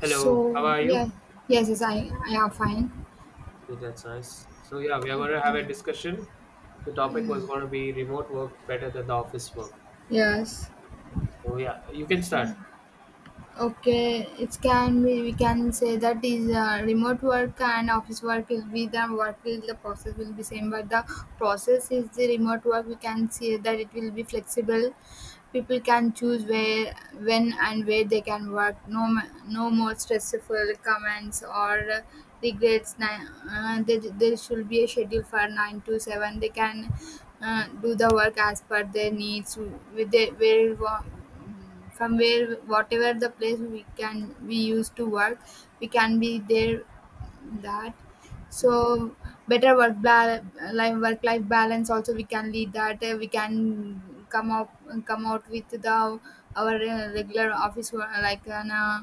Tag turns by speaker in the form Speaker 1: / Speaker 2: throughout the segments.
Speaker 1: Hello, how
Speaker 2: So
Speaker 1: are you?
Speaker 2: yeah, yes, yes, I am fine.
Speaker 1: Yeah, that's nice. So yeah, we are going to have a
Speaker 2: Okay.
Speaker 1: discussion. The topic was going to be remote work better than the office work.
Speaker 2: Yes.
Speaker 1: So yeah, you can start.
Speaker 2: Okay, it can be we can say that is remote work and office work will be the work will the process will be same, but the process is the remote work we can say that it will be flexible. People can choose where, when, and where they can work. No, no more stressful comments or regrets. There should be a schedule for nine to seven. They can do the work as per their needs. With their, from where whatever the place we can we used to work, we can be there that so better work life work life balance also we can lead that we can come up come out with the our regular office work like an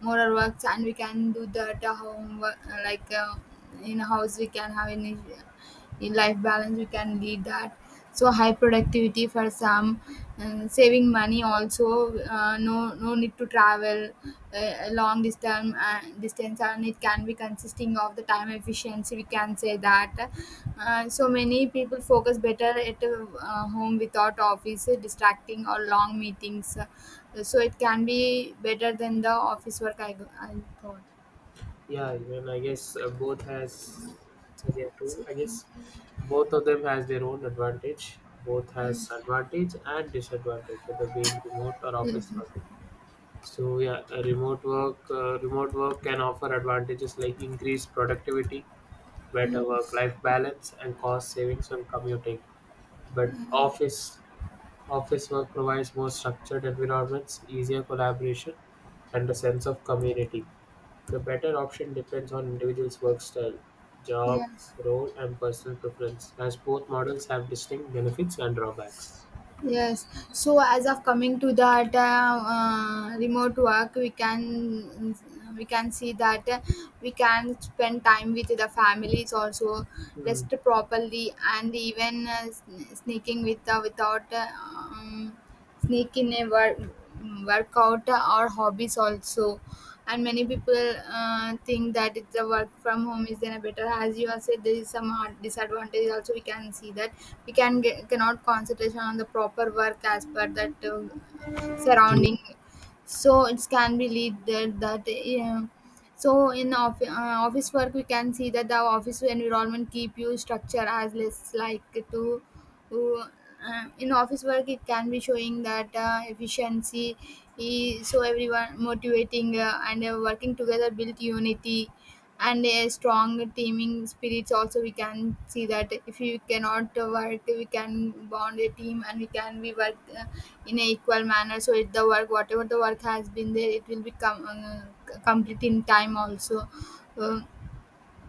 Speaker 2: moral works and we can do that homework like in house we can have any in life balance we can lead that so high productivity for some and saving money also no need to travel a long distance and it can be consisting of the time efficiency we can say that so many people focus better at home without office distracting or long meetings. So it can be better than the office work I thought.
Speaker 1: Yeah, even I guess both has as their tool. I guess both of them has their own advantage. Both has advantage and disadvantage, whether being remote or office work.
Speaker 2: Mhm.
Speaker 1: So yeah, remote work can offer advantages like increased productivity, better work life balance, and cost savings on commuting, but office work provides more structured environments, easier collaboration, and a sense of community. The better option depends on individual's work style, job,
Speaker 2: Yes,
Speaker 1: role, and personal preference, as both models have distinct benefits and drawbacks.
Speaker 2: yes. So as of coming to that remote work, we can see that we can spend time with the families also,
Speaker 1: Hmm.
Speaker 2: rest properly, and even sneaking with without sneak in a workout or hobbies also, and many people think that it's the work from home is then a better as you have said there is some hard disadvantage also we can see that we can get, cannot concentration on the proper work as per that surrounding, so it can be lead there that so in office work we can see that the office environment keep you structure as less like to to, in office work it can be showing that efficiency is, so everyone motivating and working together build unity and a strong teaming spirits also we can see that if you cannot work we can bond a team and we work in a equal manner, so if the work whatever the work has been there it will become complete in time also. Um,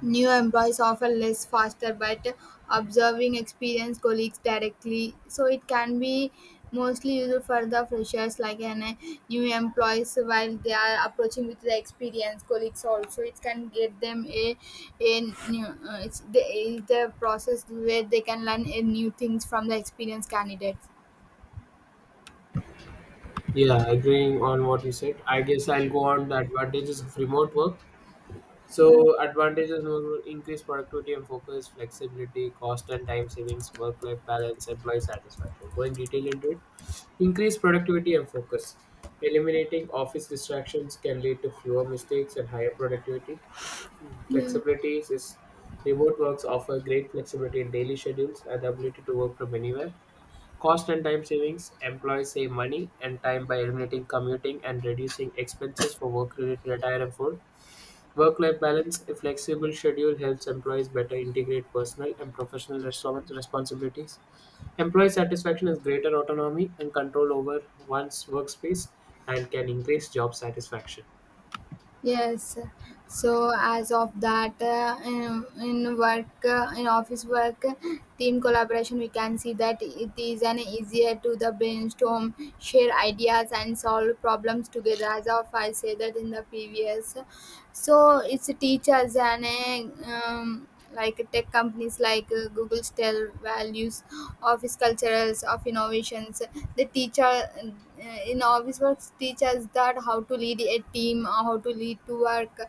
Speaker 2: New employees offer less faster, but observing experienced colleagues directly. So it can be mostly used for the freshers, like an new employees while they are approaching with the experienced colleagues. Also, it can get them a a new. It's the, it's the process where they can learn a new things from the experienced candidate.
Speaker 1: Yeah, agreeing on what you said, I guess I'll go on the advantages of remote work. So advantages will increase productivity and focus, flexibility, cost and time savings, work-life balance, employee satisfaction. Going detail into it, increase productivity and focus. Eliminating office distractions can lead to fewer mistakes and higher productivity. Flexibility is remote works offer great flexibility in daily schedules and the ability to work from anywhere. Cost and time savings, employees save money and time by eliminating commuting and reducing expenses for work-related attire and food. Work life balance, a flexible schedule helps employees better integrate personal and professional responsibilities. Employee satisfaction is greater autonomy and control over one's workspace and can increase job satisfaction.
Speaker 2: Yes. So as of that, in work, in office work, team collaboration, we can see that it is an easier to the brainstorm, share ideas, and solve problems together. As of I said that in the previous, so it's teachers and like tech companies like Google tell values office cultures of innovations. The teacher in office works teaches that how to lead a team, how to lead to work,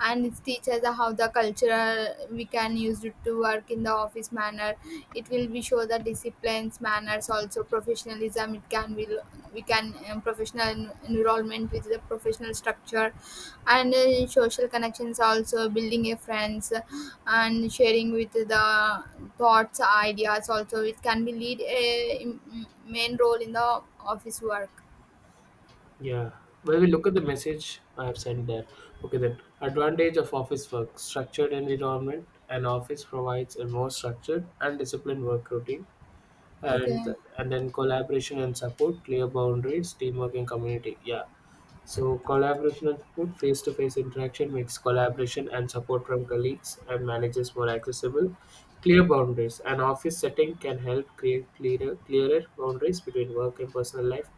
Speaker 2: and it teaches how the culture we can use it to work in the office manner. It will be show the disciplines, manners, also professionalism. It can will we can professional enrollment with the professional structure and social connections, also building a friends and sharing with the thoughts ideas, also it can be lead a main role in the office work.
Speaker 1: Yeah. Well, we look at the message I have sent there, okay, then advantage of office work structured environment. An office provides a more structured and disciplined work routine, and
Speaker 2: Okay.
Speaker 1: and then collaboration and support, clear boundaries, teamwork, and community. Yeah. So, collaboration and support, face to face interaction makes collaboration and support from colleagues and managers more accessible. Clear boundaries. An office setting can help create clearer boundaries between work and personal life.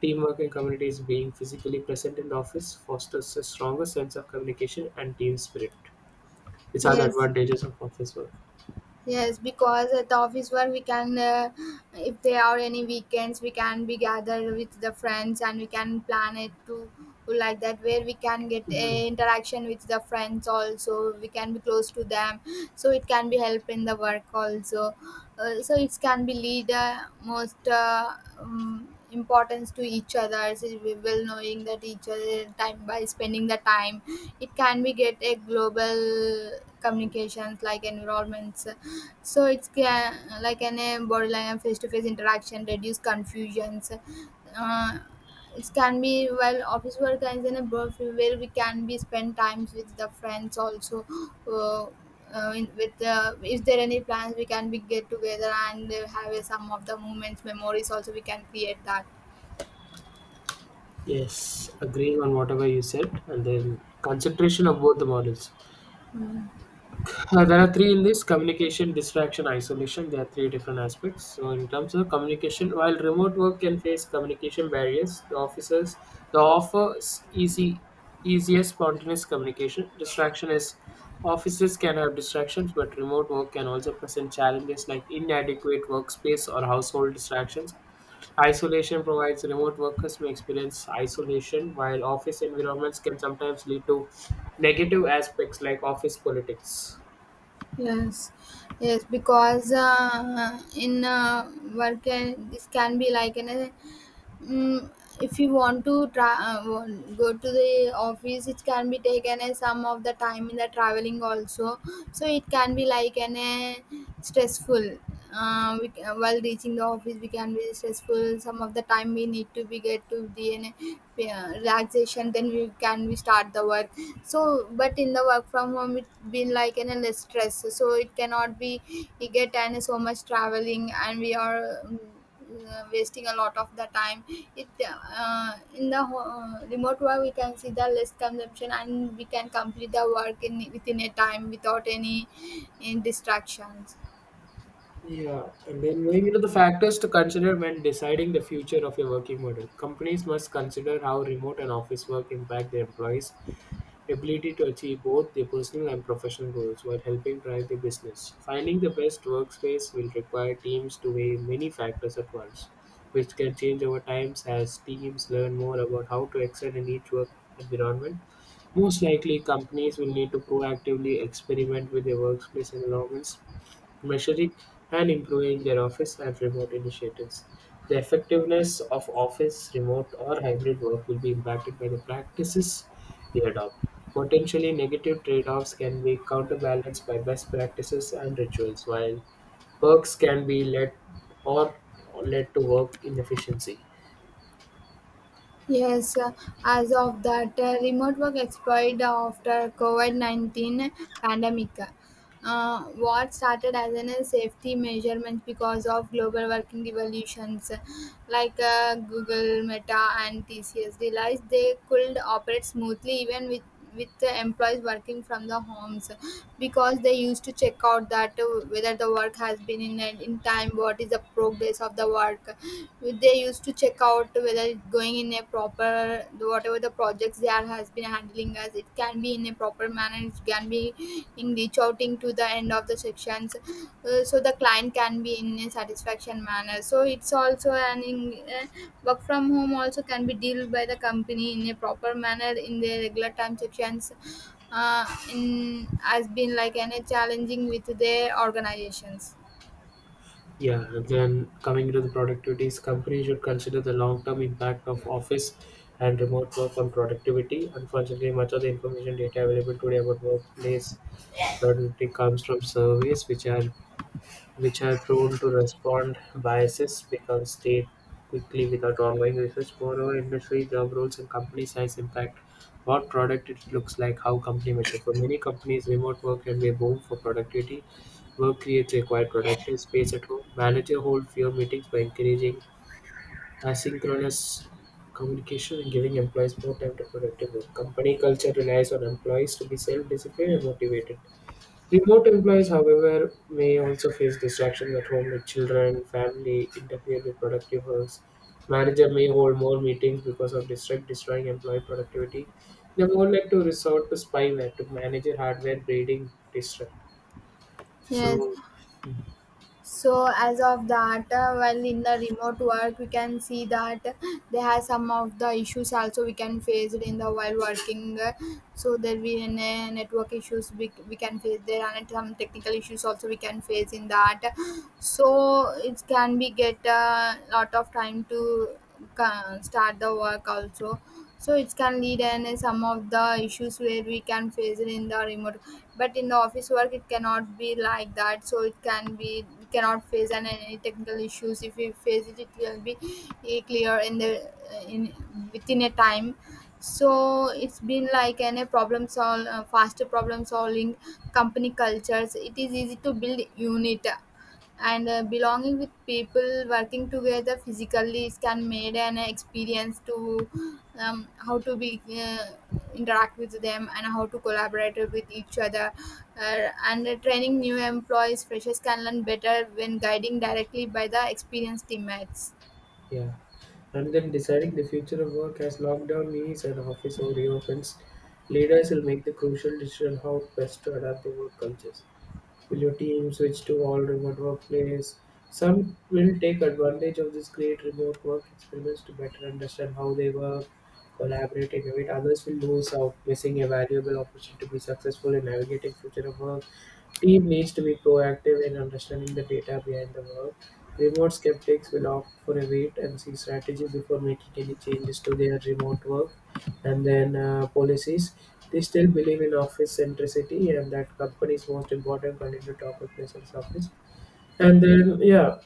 Speaker 1: Teamwork and communities being physically present in the office fosters a stronger sense of communication and team spirit. These are the
Speaker 2: Yes.
Speaker 1: advantages of office work.
Speaker 2: Yes, because at the office work we can, if there are any weekends, we can be gathered with the friends and we can plan it to like that where we can get
Speaker 1: Mm,
Speaker 2: interaction with the friends also. We can be close to them, so it can be help in the work also. So it can be lead most importance to each other. So we will well knowing that each other time by spending the time, it can be get a global communications like environments, so it's like an a borderline and face-to-face interaction, reduce confusions. Uh, it can be while office work and in a birth where we can be spend times with the friends also. Uh, in- with is there any plans we can be get together and have some of the moments memories also we can create that.
Speaker 1: yes, agreeing on whatever you said, and then consideration of both the models. There are three in this communication, distraction, isolation. There are three different aspects. So, in terms of communication, while remote work can face communication barriers, the offers easiest spontaneous communication. Distraction is offices can have distractions, but remote work can also present challenges like inadequate workspace or household distractions. Isolation provides remote workers may experience isolation, while office environments can sometimes lead to negative aspects like office politics.
Speaker 2: Yes. Yes, because in work this can be like an Mm, if you want to go to the office it can be taken as some of the time in the traveling also, so it can be like an a stressful. While reaching the office we can be stressful some of the time we need to be get to the an, relaxation then we start the work, so but in the work from home it been like an a less stress, so it cannot be you get an so much traveling and we are wasting a lot of the time it remote work we can see the less consumption and we can complete the work in within a time without any, any distractions.
Speaker 1: Yeah, and then moving into the factors to consider when deciding the future of your working model. Companies must consider how remote and office work impact their employees' ability to achieve both their personal and professional goals while helping drive the business. Finding the best workspace will require teams to weigh many factors at once, which can change over time as teams learn more about how to excel in each work environment. Most likely, companies will need to proactively experiment with their workplace environments measuring and improving their office and remote initiatives. The effectiveness of office, remote, or hybrid work will be impacted by the practices they adopt. Potentially negative trade offs can be counterbalanced by best practices and rituals, while perks can be led or led to work inefficiency.
Speaker 2: Yes, as of that, remote work expired after COVID-19 pandemic. What started as a safety measurement because of global working revolutions like Google, Meta, and TCS realized they could operate smoothly even with the employees working from the homes, because they used to check out that whether the work has been in and in time, what is the progress of the work they used to check out whether it's going in a proper whatever the projects they are has been handling as it can be in a proper manner it can be in reach outing to the end of the sections. So the client can be in a satisfaction manner, so it's also an, work from home also can be dealt by the company in a proper manner in their regular time sections. Uh, in has been like an, a challenging with their organizations.
Speaker 1: Yeah, then coming to the productivities, companies should consider the long-term impact of office and remote work on productivity. Unfortunately, much of the information data available today about workplace productivity comes from surveys, which are prone to respond biases because they quickly without ongoing research. Moreover, industry job roles and company size impact what product it looks like, how company measure. For many companies, remote work can be a boom for productivity. Work creates required productive space at home. Manager hold fewer meetings by encouraging asynchronous communication and giving employees more time to productive work. Company culture relies on employees to be self-disciplined and motivated. Remote employees, however, may also face distractions at home with children, family, interfere with productive works. Manager may hold more meetings because of distract destroying employee productivity. They more like to resort to spyware to manage your hardware breeding distract.
Speaker 2: Yes,
Speaker 1: So
Speaker 2: so as of that, well, in the remote work, we can see that they have some of the issues also we can face it in the while working. So there will be any network issues we can face. There and some technical issues also we can face in that. So it can be get a lot of time to start the work also, so it can lead and some of the issues where we can face it in the remote, but in the office work it cannot be like that, so it can be we cannot face any technical issues, if we face it it will be clear in the in within a time, so it's been like an a problem solve faster problem solving. Company cultures it is easy to build unit and belonging with people working together physically is can made an experience to how to be interact with them and how to collaborate with each other and training new employees freshers can learn better when guiding directly by the experienced teammates.
Speaker 1: yeah. And then deciding the future of work as lockdown ease and office reopens, leaders will make the crucial decision how best to adapt their work cultures. Will your team switch to all remote workplace? Some will take advantage of this great remote work experiments to better understand how they work, collaborate, innovate. Others will lose out, missing a valuable opportunity to be successful in navigating future of work. Team needs to be proactive in understanding the data behind the work. Remote skeptics will opt for a wait and see strategy before making any changes to their remote work and then policies. They still believe in office centricity and that company's most important contributor to occupy its office. And then, yeah,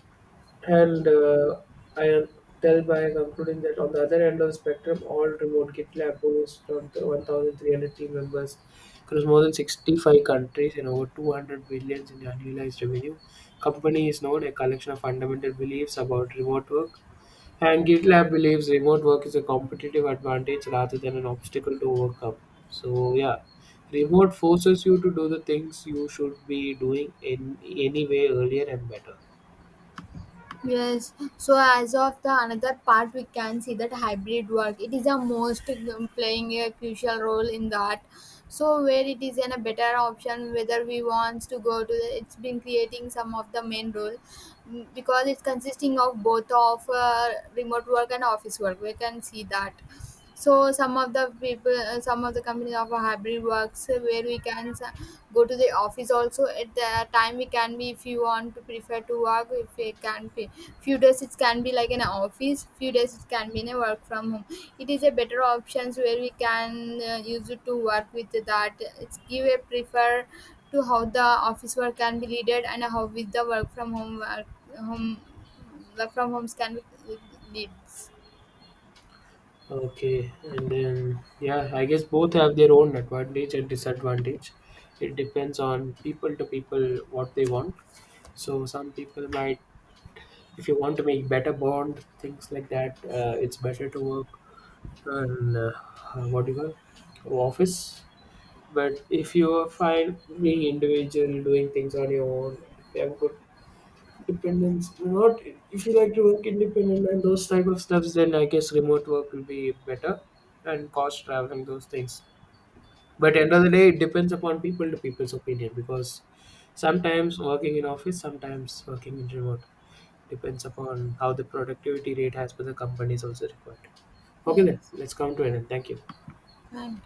Speaker 1: and I am tell by concluding that on the other end of the spectrum, all remote GitLab hosts from the 1,300 team members across more than 65 countries and over 200 billions in annualized revenue. Company is known a collection of fundamental beliefs about remote work and GitLab believes remote work is a competitive advantage rather than an obstacle to overcome. So yeah, remote forces you to do the things you should be doing in any way earlier and better.
Speaker 2: Yes, so as of the another part, we can see that hybrid work. It is a most playing a crucial role in that. So where it is in a better option, whether we wants to go to, the, it's been creating some of the main role. Mm, because it's consisting of both of remote work and office work. We can see that. So some of the people, some of the companies offer hybrid works where we can go to the office also. At the time, we can be if you want to prefer to work, if it can be few days it can be like an office, few days it can be in a work from home. It is a better options where we can use it to work with that. It's give a prefer to how the office work can be leaded and how with the work from home work from homes can be leads.
Speaker 1: Okay, and then yeah, I guess both have their own advantage and disadvantage. It depends on people to people what they want. So some people might, if you want to make better bond, things like that, it's better to work on what do you call office. But if you are fine being individual, doing things on your own, if you have good dependence, not if you like to work independent and those type of stuffs, then I guess remote work will be better and cost traveling those things. But end of the day, it depends upon people to people's opinion because sometimes working in office, sometimes working in remote depends upon how the productivity rate has for the company is also required. Okay then,
Speaker 2: Yes,
Speaker 1: let's come to an end. Thank you.
Speaker 2: fine.